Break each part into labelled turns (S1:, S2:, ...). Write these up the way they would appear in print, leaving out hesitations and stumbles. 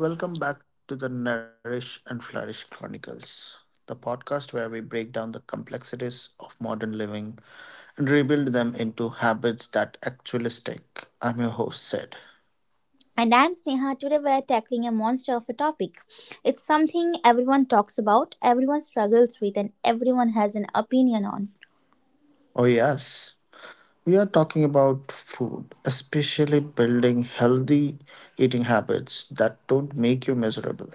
S1: Welcome back to the Nourish and Flourish Chronicles, the podcast where we break down the complexities of modern living and rebuild them into habits that actually stick. I'm your host, Sid.
S2: And I'm Sneha. Today we're tackling a monster of a topic. It's something everyone talks about, everyone struggles with, and everyone has an opinion on.
S1: Oh, yes, we are talking about food, especially building healthy eating habits that don't make you miserable.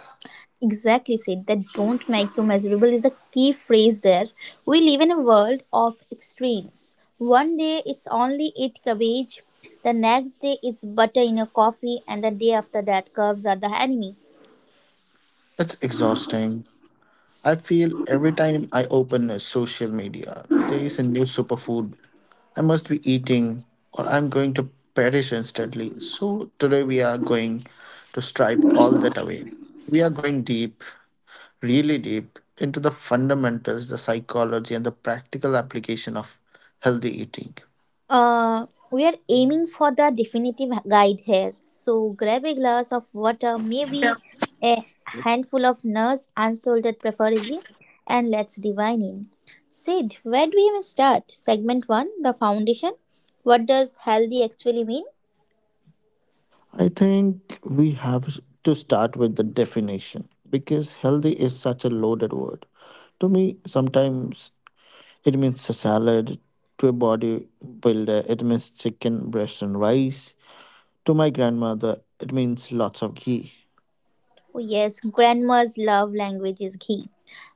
S2: Exactly, Sid. That don't make you miserable is a key phrase there. We live in a world of extremes. One day it's only eat cabbage, the next day it's butter in your coffee, and the day after that, curves are the enemy.
S1: It's exhausting. I feel every time I open a social media, there is a new superfood I must be eating or I'm going to perish instantly. So today we are going to stripe all that away. We are going deep, really deep, into the fundamentals, the psychology, and the practical application of healthy eating.
S2: Uh, we are aiming for the definitive guide here. So grab a glass of water, maybe a handful of nuts, unsalted preferably, and let's divine in. Sid, where do we even start? Segment 1: The Foundation. What does healthy actually mean?
S1: I think we have to start with the definition because healthy is such a loaded word. To me, sometimes it means a salad. To a bodybuilder, it means chicken, breast, and rice. To my grandmother, it means lots of ghee.
S2: Oh, yes, grandma's love language is ghee.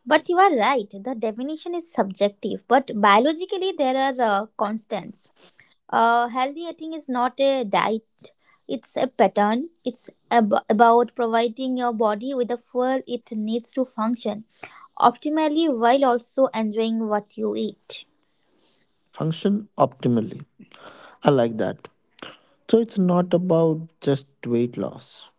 S2: But you are right, the definition is subjective, but biologically there are constants. Healthy eating is not a diet, it's a pattern. It's about providing your body with the fuel it needs to function optimally while also enjoying what you eat.
S1: Function optimally. I like that. So it's not about just weight loss.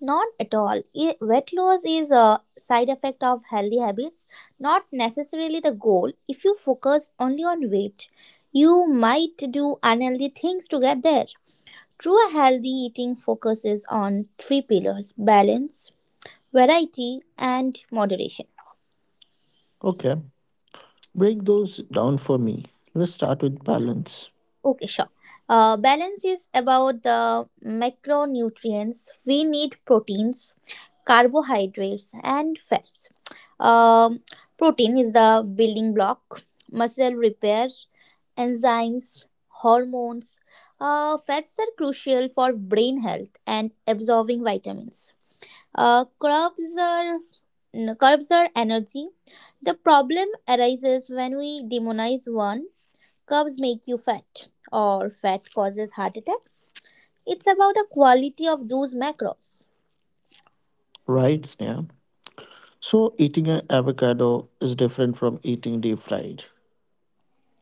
S2: Not at all. Weight loss is a side effect of healthy habits, not necessarily the goal. If you focus only on weight, you might do unhealthy things to get there. True healthy eating focuses on three pillars: balance, variety, and moderation.
S1: Okay, break those down for me. Let's start with balance.
S2: Okay, sure. Balance is about the macronutrients. We need proteins, carbohydrates, and fats. um, Protein is the building block: muscle repair, enzymes, hormones. Fats are crucial for brain health and absorbing vitamins. Uh, curbs are Curbs are energy. The problem arises when we demonize one. Curves make you fat, or fat causes heart attacks. It's about the quality of those macros.
S1: Right, Sneha? So eating an avocado is different from eating deep fried.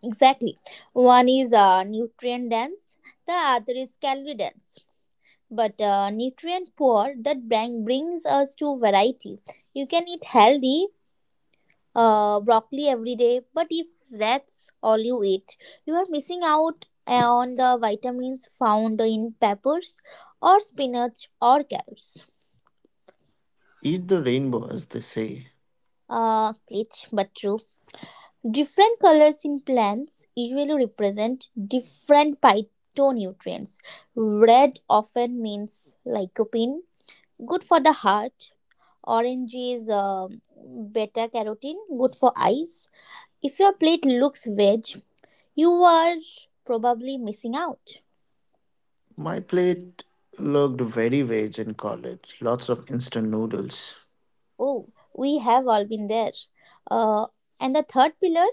S2: Exactly. One is nutrient dense, the other is calorie dense. But nutrient poor. That brings us to variety. You can eat healthy broccoli every day. But if that's all you eat, you are missing out on the vitamins found in peppers or spinach or carrots.
S1: Eat the rainbow, as they say.
S2: Glitch but true. Different colors in plants usually represent different phytonutrients. Red often means lycopene, good for the heart. Orange is beta carotene, good for eyes. If your plate looks veg, you are probably missing out.
S1: My plate looked very veg in college, lots of instant noodles.
S2: Oh, we have all been there. Uh, and the third pillar,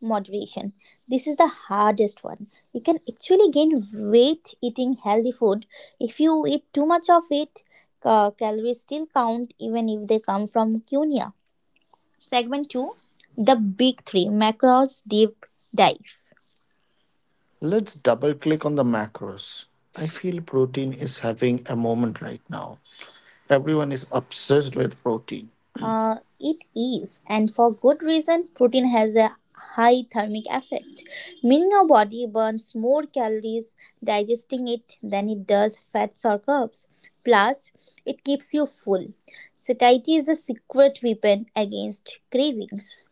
S2: moderation. This is the hardest one. You can actually gain weight eating healthy food. If you eat too much of it, calories still count even if they come from quinoa. Segment 2: The Big Three Macros Deep Dive.
S1: Let's double click on the macros. I feel protein is having a moment right now. Everyone is obsessed with protein.
S2: It is, and for good reason, protein has a high thermic effect, meaning our body burns more calories digesting it than it does fats or carbs. Plus, it keeps you full. Satiety is the secret weapon against cravings.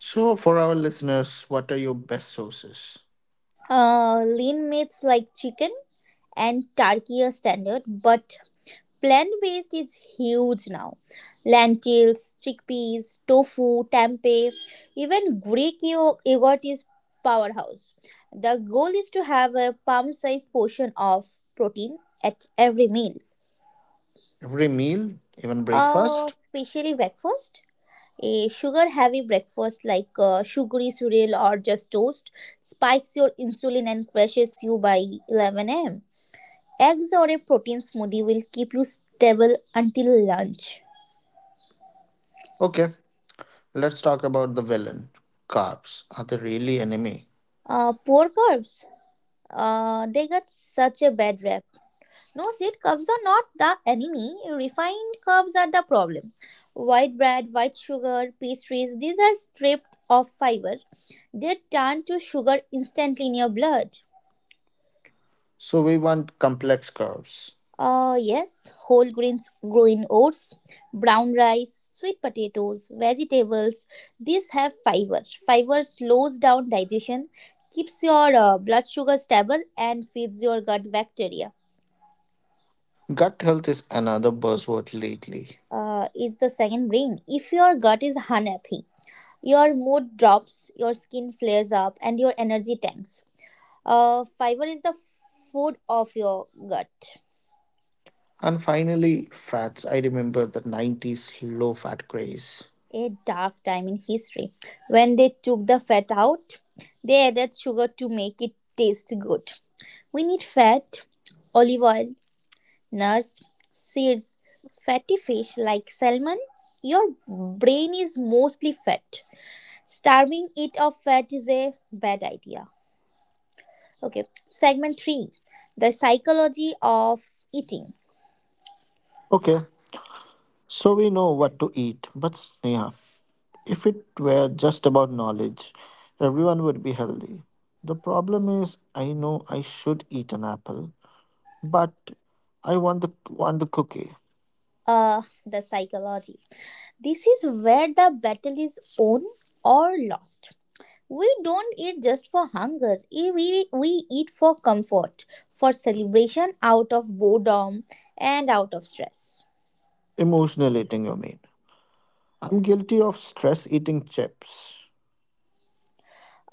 S1: So, for our listeners, what are your best sources?
S2: Lean meats like chicken and turkey are standard, but plant based is huge now. Lentils, chickpeas, tofu, tempeh, even Greek yogurt is powerhouse. The goal is to have a palm-sized portion of protein at every meal,
S1: Every meal, even breakfast?
S2: especially breakfast. A sugar heavy breakfast like sugary cereal or just toast spikes your insulin and crashes you by 11 am. Eggs or a protein smoothie will keep you stable until lunch.
S1: Okay, let's talk about the villain. Carbs. Are they really enemy?
S2: Poor carbs. They got such a bad rap. No, seed carbs are not the enemy. Refined carbs are the problem. White bread, white sugar, pastries, these are stripped of fiber. They turn to sugar instantly in your blood.
S1: So, we want complex carbs.
S2: Yes, whole grains, growing oats, brown rice, sweet potatoes, vegetables. These have fiber. Fiber slows down digestion, keeps your blood sugar stable, and feeds your gut bacteria.
S1: Gut health is another buzzword lately.
S2: Is the second brain. If your gut is unhappy, your mood drops, your skin flares up, and your energy tanks. Fiber is the food of your gut.
S1: And finally, fats. I remember the 90s low fat craze.
S2: A dark time in history. When they took the fat out, they added sugar to make it taste good. We need fat, olive oil, nuts, seeds, fatty fish like salmon. Your brain is mostly fat. Starving it of fat is a bad idea. Okay, segment 3: The psychology of eating.
S1: Okay, so we know what to eat, but Sneha, if it were just about knowledge, everyone would be healthy. The problem is, I know I should eat an apple, but I want the cookie.
S2: The psychology. This is where the battle is won or lost. We don't eat just for hunger. We eat for comfort, for celebration, out of boredom, and out of stress.
S1: Emotional eating, you mean? I'm guilty of stress eating chips.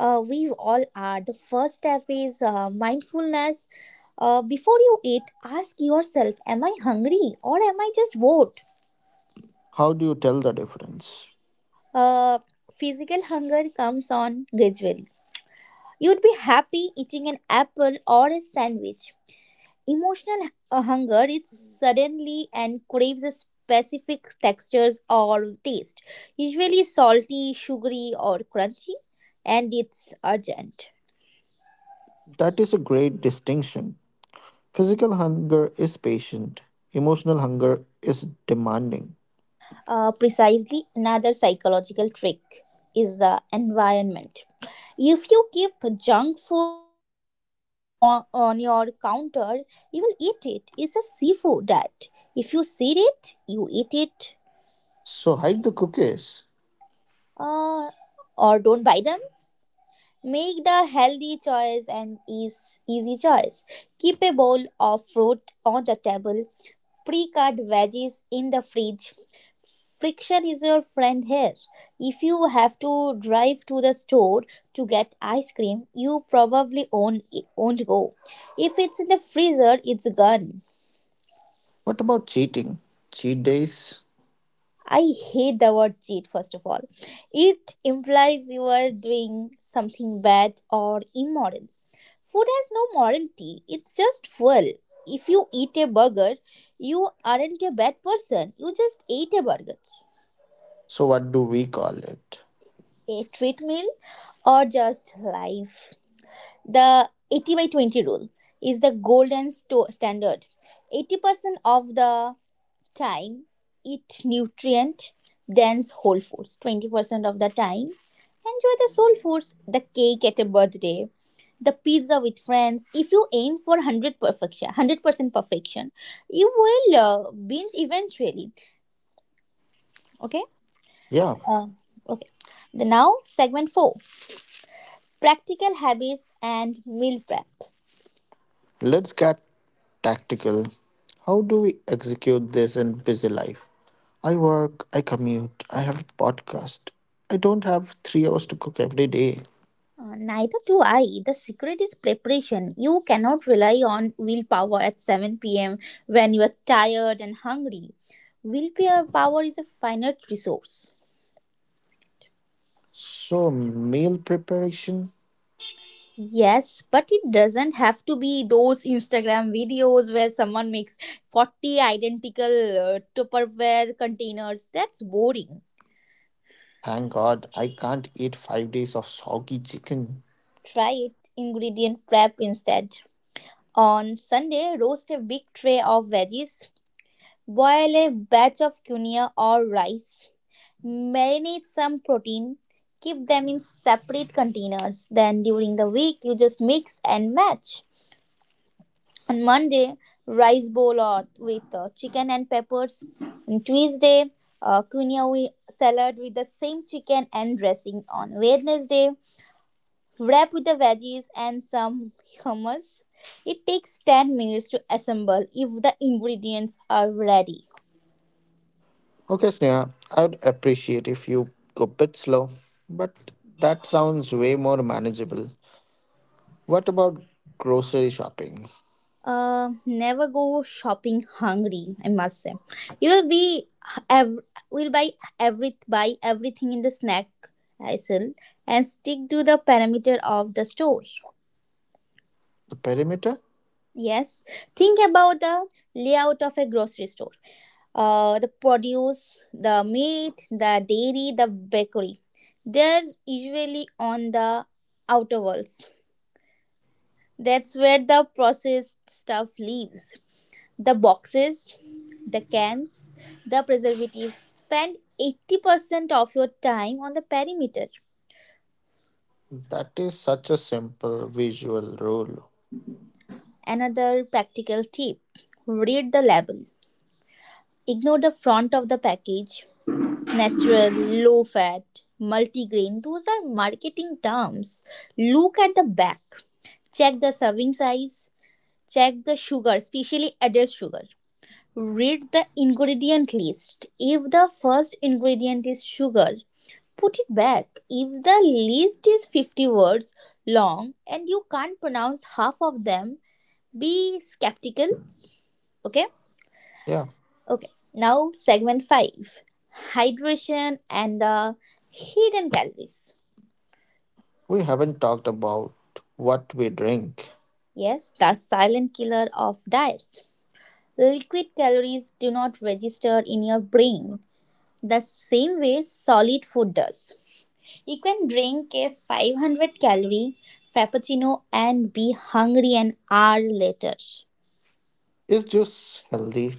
S2: We all are. The first step is mindfulness. Before you eat, ask yourself: Am I hungry or am I just bored?
S1: How do you tell the difference?
S2: Uh, Physical hunger comes on gradually. You'd be happy eating an apple or a sandwich. Emotional hunger is suddenly and craves a specific textures or taste, usually salty, sugary, or crunchy, and it's urgent.
S1: That is a great distinction. Physical hunger is patient, emotional hunger is demanding.
S2: Precisely, another psychological trick is the environment. If you keep junk food on your counter, you will eat it. It's a seafood that if you see it, you eat it.
S1: So hide the cookies.
S2: uh, or don't buy them. Make the healthy choice and easy choice. Keep a bowl of fruit on the table. Pre-cut veggies in the fridge. Friction is your friend here. If you have to drive to the store to get ice cream, you probably won't go. If it's in the freezer, it's gone.
S1: What about cheating? Cheat days?
S2: I hate the word cheat, first of all. It implies you are doing something bad or immoral. Food has no morality, it's just fuel. If you eat a burger, you aren't a bad person, you just ate a burger.
S1: So what do we call it?
S2: A treat meal or just life? The 80 by 20 rule is the golden standard. 80% of the time, eat nutrient dense whole foods. 20% of the time, enjoy the soul foods: the cake at a birthday, the pizza with friends. If you aim for 100 perfection, 100% perfection, you will binge eventually. Okay.
S1: Yeah,
S2: uh, okay. the Now, segment 4: practical habits and meal prep.
S1: let's get tactical. How do we execute this in busy life? I work, I commute, I have a podcast. I don't have 3 hours to cook every day.
S2: Neither do I. The secret is preparation. You cannot rely on willpower at 7 p.m. when you are tired and hungry. Willpower is a finite resource.
S1: So, meal preparation?
S2: Yes, but it doesn't have to be those Instagram videos where someone makes 40 identical Tupperware containers. That's boring.
S1: Thank God I can't eat 5 days of soggy chicken.
S2: Try it ingredient prep instead. On Sunday, roast a big tray of veggies, boil a batch of quinoa or rice, marinate some protein, keep them in separate containers. Then during the week, you just mix and match. On Monday, rice bowl or with chicken and peppers. On Tuesday, quinoa salad with the same chicken and dressing. On Wednesday, wrap with the veggies and some hummus. It takes 10 minutes to assemble if the ingredients are ready.
S1: Okay, Sneha, I would appreciate if you go a bit slow, but that sounds way more manageable. What about grocery shopping?
S2: Never go shopping hungry. I must say, you will be ev- will buy every buy everything in the snack aisle and stick to the parameter of the store.
S1: The perimeter?
S2: Yes, think about the layout of a grocery store. The produce, the meat, the dairy, the bakery. They're usually on the outer walls. That's where the processed stuff lives. The boxes, the cans, the preservatives. Spend 80% of your time on the perimeter.
S1: That is such a simple visual rule.
S2: Another practical tip: read the label. Ignore the front of the package. Natural, low fat, multigrain, those are marketing terms. Look at the back. Check the serving size. Check the sugar, especially added sugar. Read the ingredient list. If the first ingredient is sugar, put it back. If the list is 50 words long and you can't pronounce half of them, be skeptical. Okay?
S1: Yeah,
S2: Okay. Now, segment 5: hydration and the hidden calories.
S1: we haven't talked about what we drink.
S2: Yes, the silent killer of diets. Liquid calories do not register in your brain the same way solid food does. You can drink a 500 calorie frappuccino and be hungry an hour later.
S1: Is juice healthy?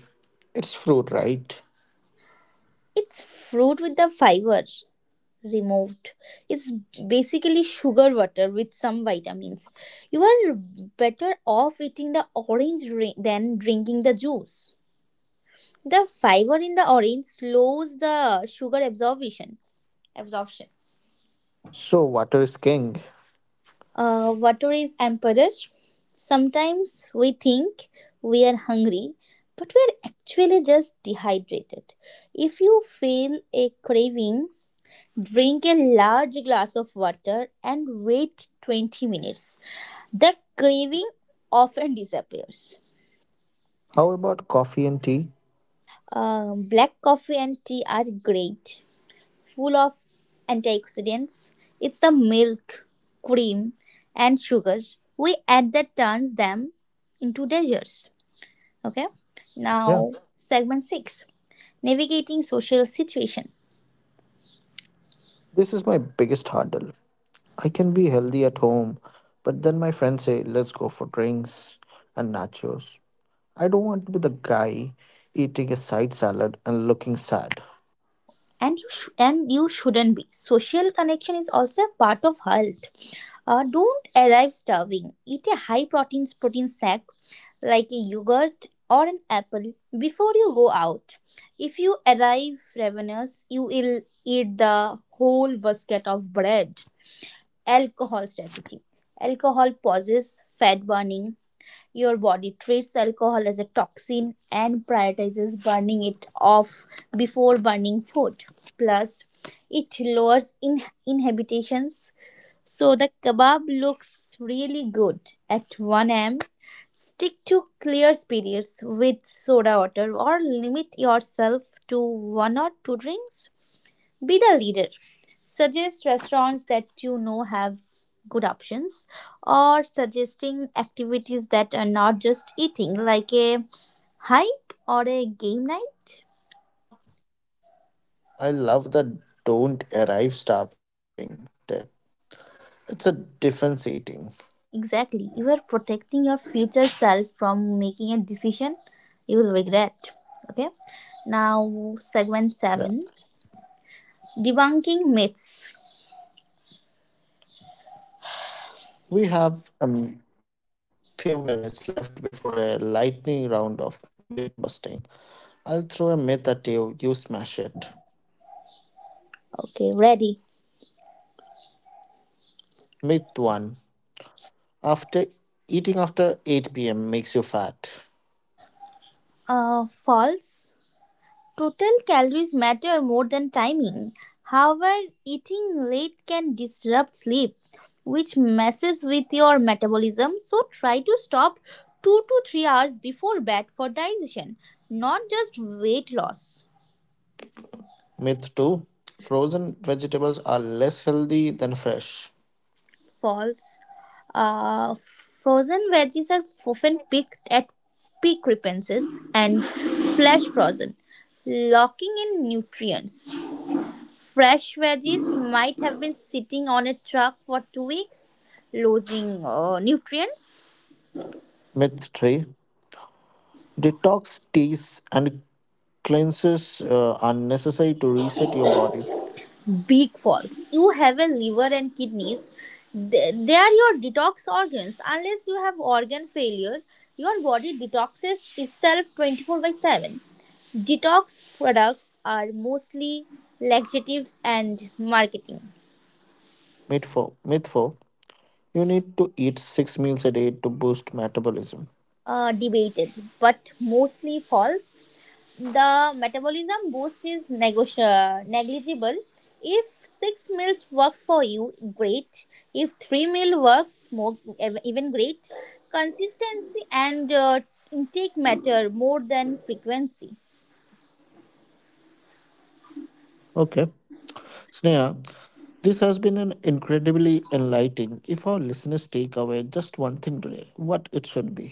S1: It's fruit, right?
S2: It's fruit with the fiber removed. It's basically sugar water with some vitamins. You are better off eating the orange than drinking the juice. The fiber in the orange slows the sugar absorption.
S1: So water is king.
S2: Water is emperor. Sometimes we think we are hungry, but we are actually just dehydrated. If you feel a craving, drink a large glass of water and wait 20 minutes. The craving often disappears.
S1: How about coffee and tea?
S2: Black coffee and tea are great, full of antioxidants. It's the milk, cream, and sugar we add that turns them into desserts. Okay,
S1: Yeah,
S2: now segment six: navigating social situation.
S1: this is my biggest hurdle. I can be healthy at home, but then my friends say, let's go for drinks and nachos. I don't want to be the guy eating a side salad and looking sad.
S2: And you shouldn't be. Social connection is also a part of health. Don't arrive starving. Eat a high protein snack like a yogurt or an apple before you go out. If you arrive ravenous, you will eat the whole basket of bread. Alcohol strategy: alcohol pauses fat burning. Your body treats alcohol as a toxin and prioritizes burning it off before burning food. Plus, it lowers inhibitions. So the kebab looks really good at 1 am. Stick to clear periods with soda water or limit yourself to one or two drinks. Be the leader. Suggest restaurants that you know have good options or suggesting activities that are not just eating, like a hike or a game night.
S1: I love the don't arrive starving tip. It's a defense eating.
S2: Exactly. You are protecting your future self from making a decision you will regret. Okay. Now,
S1: Yeah.
S2: segment 7: debunking myths.
S1: We have a few minutes left before a lightning round of myth busting. I'll throw a myth at you, you smash it.
S2: Okay, ready.
S1: Myth 1. After eating after 8 p.m. makes you fat.
S2: False. Total calories matter more than timing. However, eating late can disrupt sleep, which messes with your metabolism. So, try to stop 2 to 3 hours before bed for digestion, not just weight loss.
S1: Myth 2. Frozen vegetables are less healthy than fresh.
S2: False. Uh, Frozen veggies are often picked at peak ripenses and flash frozen, locking in nutrients. Fresh veggies might have been sitting on a truck for 2 weeks, losing nutrients.
S1: Myth 3. Detox teas and cleanses are necessary to reset your body.
S2: Big falls. You have a liver and kidneys. They are your detox organs. Unless you have organ failure, your body detoxes itself 24 by 7. Detox products are mostly laxatives and marketing.
S1: Myth 4. You need to eat 6 meals a day to boost metabolism.
S2: Debated, but mostly false. The metabolism boost is negligible. If six meals works for you, great. If three meal works, even great. Consistency and intake matter more than frequency.
S1: Okay, Sneha, this has been an incredibly enlightening. If our listeners take away just one thing today, what it should be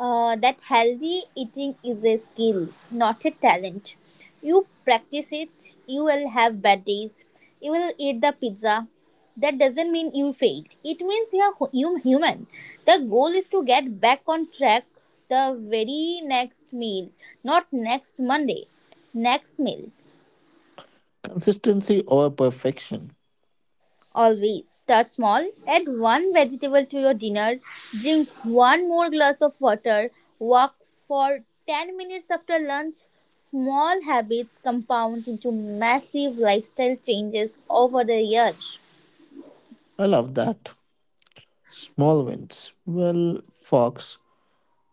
S2: That healthy eating is a skill, not a talent. You practice it, you will have bad days. You will eat the pizza. That doesn't mean you failed. It means you human. The goal is to get back on track the very next meal, not next Monday, next meal.
S1: consistency over perfection.
S2: Always start small, add one vegetable to your dinner, drink one more glass of water, walk for 10 minutes after lunch. Small habits compound into massive lifestyle changes over the years.
S1: I love that. Small wins. Well, Fox,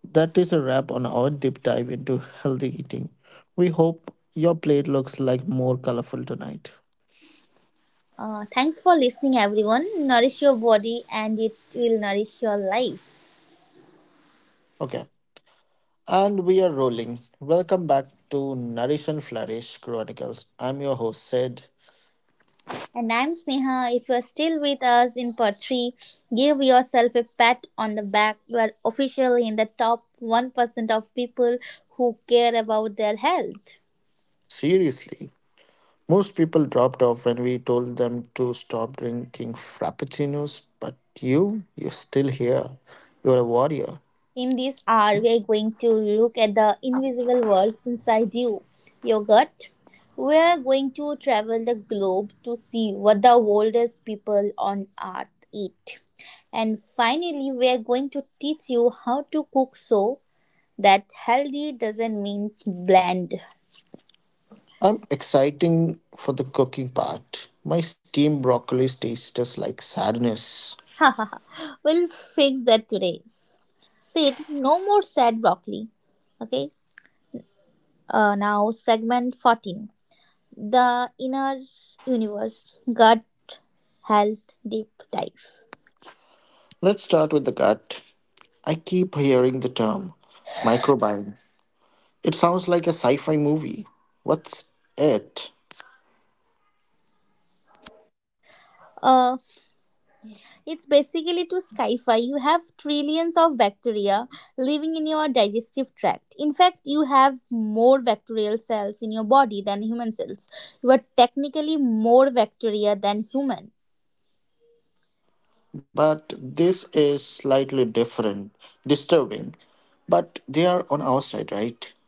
S1: that is a wrap on our deep dive into healthy eating. We hope your plate looks like more colorful tonight.
S2: Thanks for listening, everyone. Nourish your body, and it will nourish your life.
S1: Okay. And we are rolling. Welcome back to Nourish and Flourish Chronicles. I'm your host, Sid.
S2: And I'm Sneha. If you're still with us in part 3, give yourself a pat on the back. You are officially in the top 1% of people who care about their health.
S1: Seriously, most people dropped off when we told them to stop drinking frappuccinos, but you, you're still here. You're a warrior.
S2: In this hour, we are going to look at the invisible world inside you, your gut. We are going to travel the globe to see what the oldest people on earth eat. And finally, we are going to teach you how to cook so that healthy doesn't mean bland.
S1: I'm exciting for the cooking part. My steamed broccoli tastes just like sadness.
S2: We'll fix that today. Sid, no more sad broccoli. Okay. Now, segment 14. The inner universe gut health deep dive.
S1: Let's start with the gut. I keep hearing the term microbiome. It sounds like a sci fi movie. What's it?
S2: Uh, It's basically to sci-fi. You have trillions of bacteria living in your digestive tract. In fact, you have more bacterial cells in your body than human cells. You are technically more bacteria than human.
S1: But this is slightly different, disturbing. But they are on our side, right?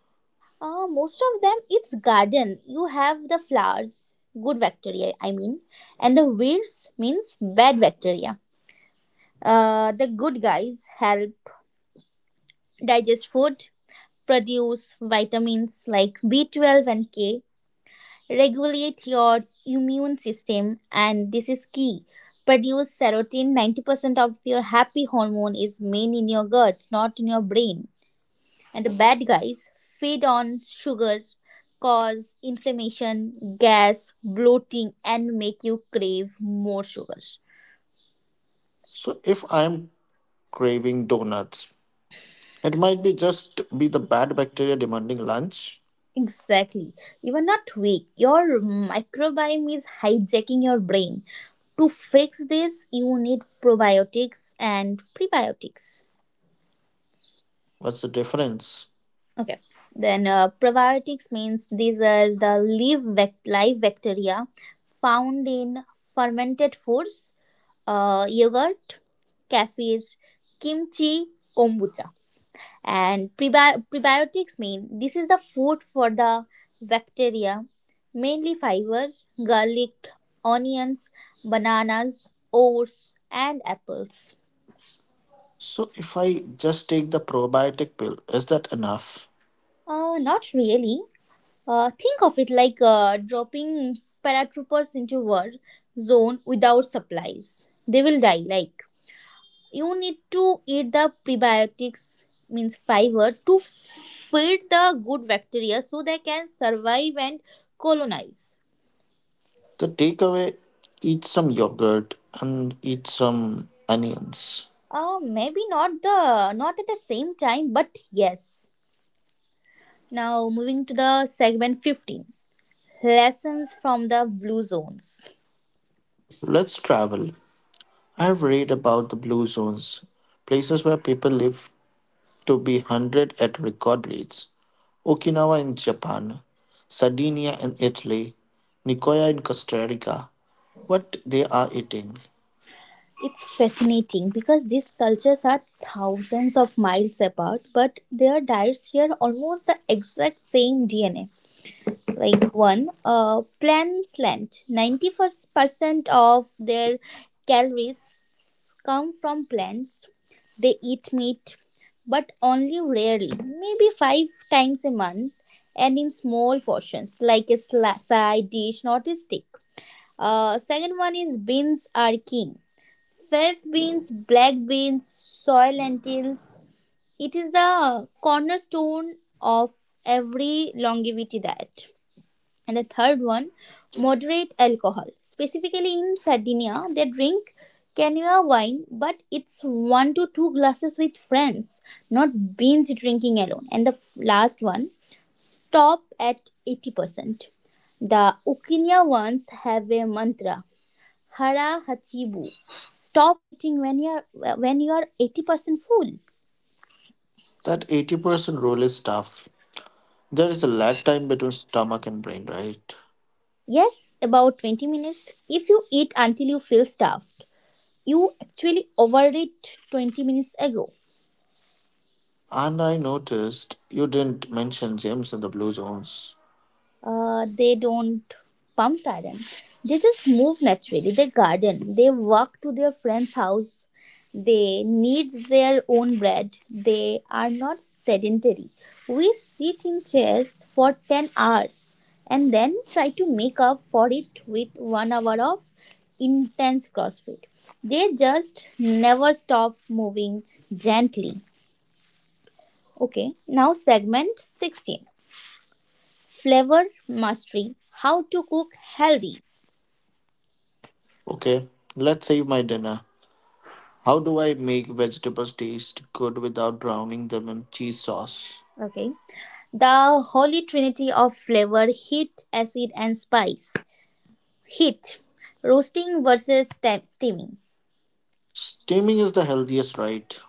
S2: Most of them, it's garden. You have the flowers, good bacteria, I mean, and the weeds means bad bacteria. The good guys help digest food, produce vitamins like B12 and K, regulate your immune system, and this is key, produce serotonin. 90% of your happy hormone is made in your gut, not in your brain. And the bad guys feed on sugar, cause inflammation, gas, bloating, and make you crave more sugar.
S1: So if I'm craving donuts, it might be just be the bad bacteria demanding lunch.
S2: Exactly, you are not weak. Your microbiome is hijacking your brain. To fix this, you need probiotics and prebiotics.
S1: What's the difference?
S2: Okay. Then probiotics means these are the live bacteria found in fermented foods, yogurt, kefir, kimchi, kombucha. And prebiotics mean this is the food for the bacteria, mainly fiber, garlic, onions, bananas, oats, and apples.
S1: So if I just take the probiotic pill, is that enough?
S2: Not really. Think of it like dropping paratroopers into war zone without supplies. They will die. Like, you need to eat the prebiotics means fiber to feed the good bacteria so they can survive and colonize.
S1: The takeaway, eat some yogurt and eat some onions.
S2: Maybe not the not at the same time, but yes. Now moving to the segment 15, lessons from the blue zones.
S1: Let's travel. I have read about the blue zones, places where people live to be 100 at record rates. Okinawa in Japan, Sardinia in Italy, Nicoya in Costa Rica. What they are eating.
S2: It's fascinating because these cultures are thousands of miles apart, but their diets share almost the exact same DNA. Like one, plant slant. 91% of their calories come from plants. They eat meat, but only rarely, maybe five times a month, and in small portions, like a side dish, not a stick. Second one is beans are king. Fava beans, black beans, soy lentils. It is the cornerstone of every longevity diet. And the third one, moderate alcohol. Specifically in Sardinia, they drink Canua wine, but it's one to two glasses with friends, not beans drinking alone. And the last one, stop at 80%. The Ukinya ones have a mantra, Hara Hachibu. Stop eating when you are 80% full.
S1: That 80% rule is tough. There is a lag time between stomach and brain, right?
S2: Yes, about 20 minutes. If you eat until you feel stuffed, you actually overate 20 minutes ago.
S1: And I noticed you didn't mention gyms in the blue zones.
S2: They don't pump iron. They just move naturally. They garden. They walk to their friend's house. They knead their own bread. They are not sedentary. We sit in chairs for 10 hours and then try to make up for it with 1 hour of intense CrossFit. They just never stop moving gently. Okay, now segment 16, flavor mastery, how to cook healthy.
S1: Okay, let's save my dinner. How do I make vegetables taste good without drowning them in cheese sauce?
S2: Okay, the holy trinity of flavor, heat, acid, and spice. Heat, roasting versus steaming.
S1: Steaming is the healthiest, right?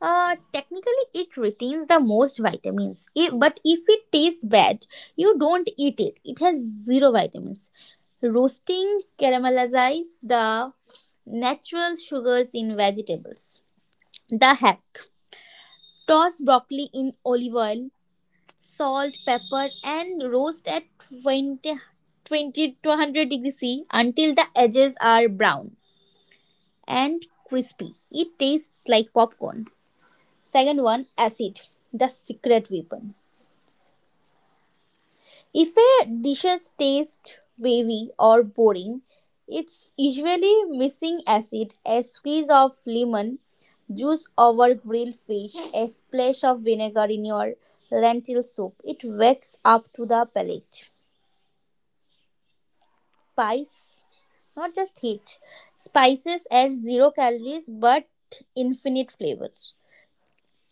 S2: Technically, it retains the most vitamins, but if it tastes bad, you don't eat it. It has zero vitamins. Roasting caramelizes the natural sugars in vegetables. The hack, toss broccoli in olive oil, salt, pepper, and roast at 20, 20 to 100 degrees C until the edges are brown and crispy. It tastes like popcorn. Second one, acid, the secret weapon. If a dishes taste wavy or boring, it's usually missing acid, a squeeze of lemon juice over grilled fish, a splash of vinegar in your lentil soup. It wakes up to the palate. Spice, not just heat. Spices add zero calories but infinite flavor.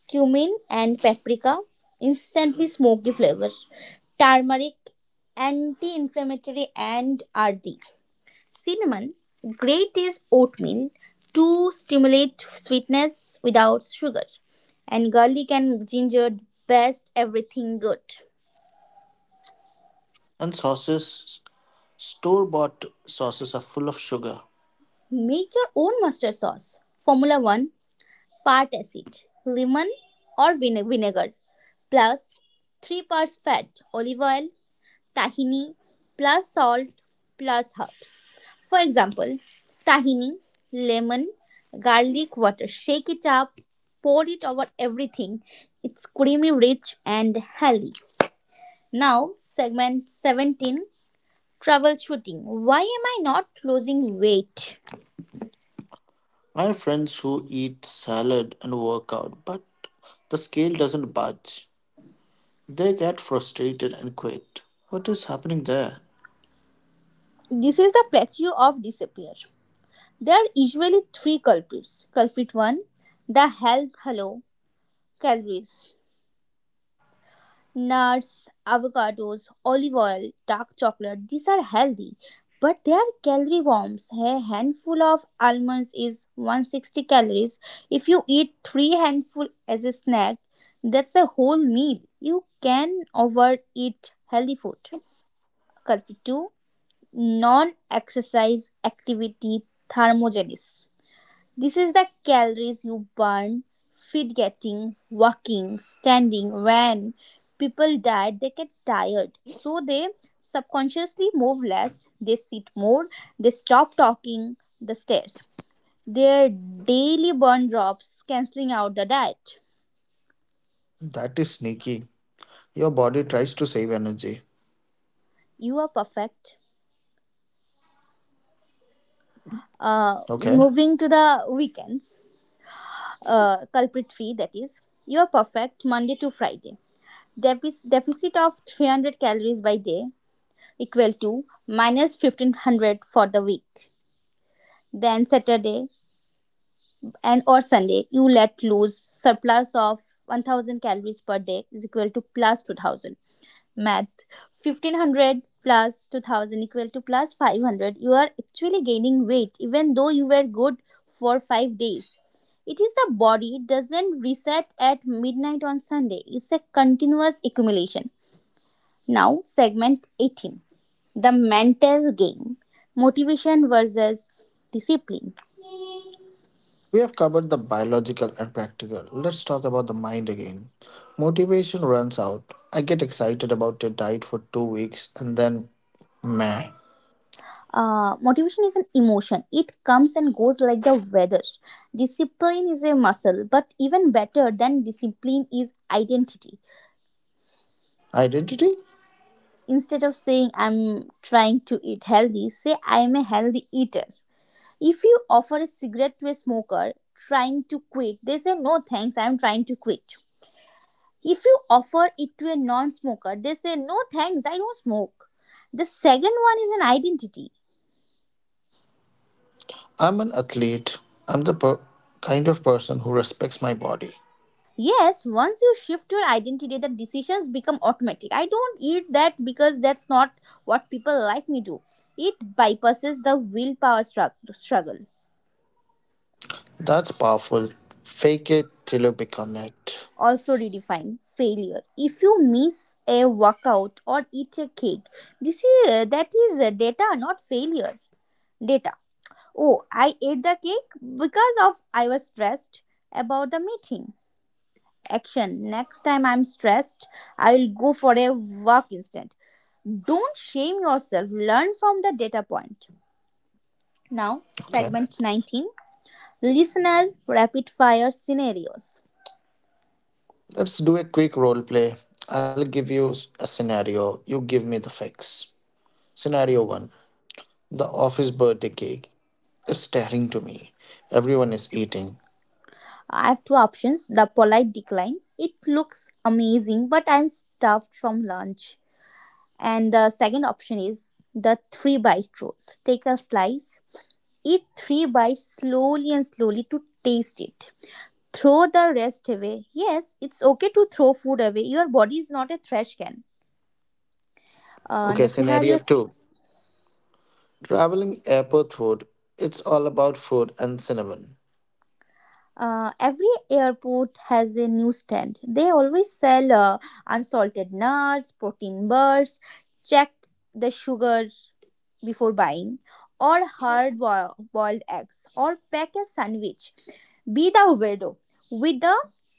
S2: Cumin and paprika, instantly smoky flavor. Turmeric, anti-inflammatory and rd. Cinnamon, great is oatmeal to stimulate sweetness without sugar. And garlic and ginger, best everything good.
S1: And sauces, store bought sauces are full of sugar.
S2: Make your own mustard sauce formula. 1 part acid, lemon or vinegar, plus 3 parts fat, olive oil, tahini, plus salt, plus herbs. For example, tahini, lemon, garlic water. Shake it up, pour it over everything. It's creamy, rich, and healthy. Now, segment 17, troubleshooting. Why am I not losing weight?
S1: I have friends who eat salad and work out, but the scale doesn't budge. They get frustrated and quit. What is happening there?
S2: This is the plateau of disappear. There are usually three culprits. Culprit 1, the health halo calories, nuts, avocados, olive oil, dark chocolate. These are healthy, but they are calorie bombs. A handful of almonds is 160 calories. If you eat three handful as a snack, that's a whole meal. You can overeat healthy food. Culprit 2, non exercise activity thermogenesis. This is the calories you burn, feed getting, walking, standing. When people diet, they get tired. So they subconsciously move less, they sit more, they stop talking the stairs. Their daily burn drops, cancelling out the diet.
S1: That is sneaky. Your body tries to save energy.
S2: You are perfect.
S1: Okay.
S2: Moving to the weekends, culprit free that is. You are perfect Monday to Friday. Defic- deficit of 300 calories by day equal to minus 1500 for the week. Then Saturday and or Sunday, you let loose surplus of 1000 calories per day is equal to plus 2000. Math, 1500 plus 2000 equal to plus 500. You are actually gaining weight even though you were good for 5 days. It is the body doesn't reset at midnight on Sunday. It's a continuous accumulation. Now, segment 18, the mental game, motivation versus discipline.
S1: We have covered the biological and practical. Let's talk about the mind again. Motivation runs out. I get excited about a diet for 2 weeks and then, meh.
S2: Motivation is an emotion, it comes and goes like the weather. Discipline is a muscle, but even better than discipline is identity.
S1: Identity?
S2: Instead of saying I'm trying to eat healthy, say I am a healthy eater. If you offer a cigarette to a smoker trying to quit, they say no thanks, I'm trying to quit. If you offer it to a non smoker, they say, no thanks, I don't smoke. The second one is an identity.
S1: I'm an athlete. I'm the kind of person who respects my body.
S2: Yes, once you shift your identity, the decisions become automatic. I don't eat that because that's not what people like me do. It bypasses the willpower struggle.
S1: That's powerful. Fake it till you become it.
S2: Also, redefine failure. If you miss a workout or eat a cake, this is that is data, not failure. Data. Oh, I ate the cake because of I was stressed about the meeting. Action. Next time I'm stressed, I will go for a walk instead. Don't shame yourself. Learn from the data point. Now,
S1: Okay.
S2: segment 19. Listener rapid fire scenarios.
S1: Let's do a quick role play. I'll give you a scenario. You give me the fix. Scenario 1. The office birthday cake. It's staring to me. Everyone is eating.
S2: I have two options. The polite decline. It looks amazing, but I'm stuffed from lunch. And the second option is the three bite rule. Take a slice, eat three bites slowly and slowly to taste it. Throw the rest away. Yes, it's okay to throw food away. Your body is not a trash can. And
S1: Okay,
S2: the
S1: scenario
S2: scenario
S1: two. Traveling airport food. It's all about food and cinnamon.
S2: every airport has a newsstand. They always sell unsalted nuts, protein bars. Check the sugar before buying, or boiled eggs, or pack a sandwich. Be the weirdo with the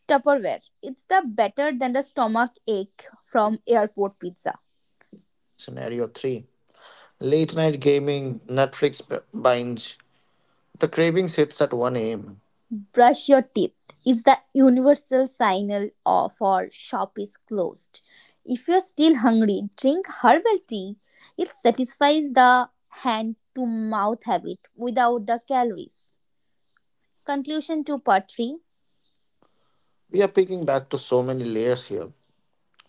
S2: Tupperware. It's the better than the stomach ache from airport pizza.
S1: Scenario 3. Late night gaming, Netflix binge. The cravings hits at 1 a.m.
S2: Brush your teeth is the universal signal of our shop is closed. If you're still hungry, drink herbal tea. It satisfies the hand to mouth habit without the calories. Conclusion to part 3.
S1: We are peeking back to so many layers here.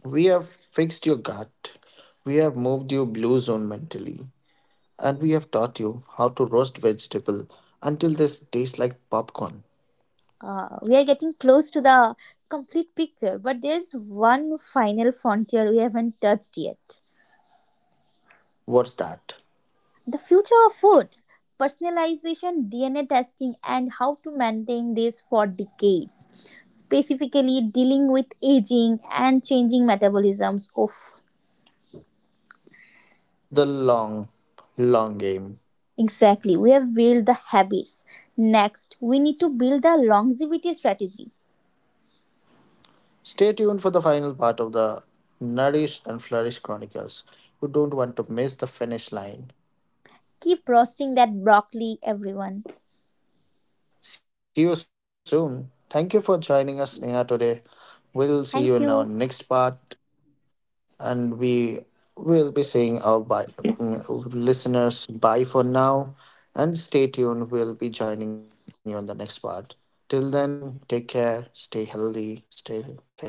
S1: We have fixed your gut. We have moved you blue zone mentally. And we have taught you how to roast vegetable until this tastes like popcorn.
S2: We are getting close to the complete picture, but there's one final frontier we haven't touched yet.
S1: What's that?
S2: The future of food, personalization, DNA testing, and how to maintain this for decades, specifically dealing with aging and changing metabolisms of.
S1: The long, long game.
S2: Exactly, we have built the habits. Next, we need to build the longevity strategy.
S1: Stay tuned for the final part of the Nourish and Flourish Chronicles. You don't want to miss the finish line.
S2: Keep roasting that broccoli, everyone.
S1: See you soon. Thank you for joining us, Sneha, today. We'll see you
S2: Thank
S1: in our
S2: you.
S1: next part, and we will be saying our bye, listeners bye for now. And stay tuned. We'll be joining you in the next part. Till then, take care, stay healthy, stay fit. Bye.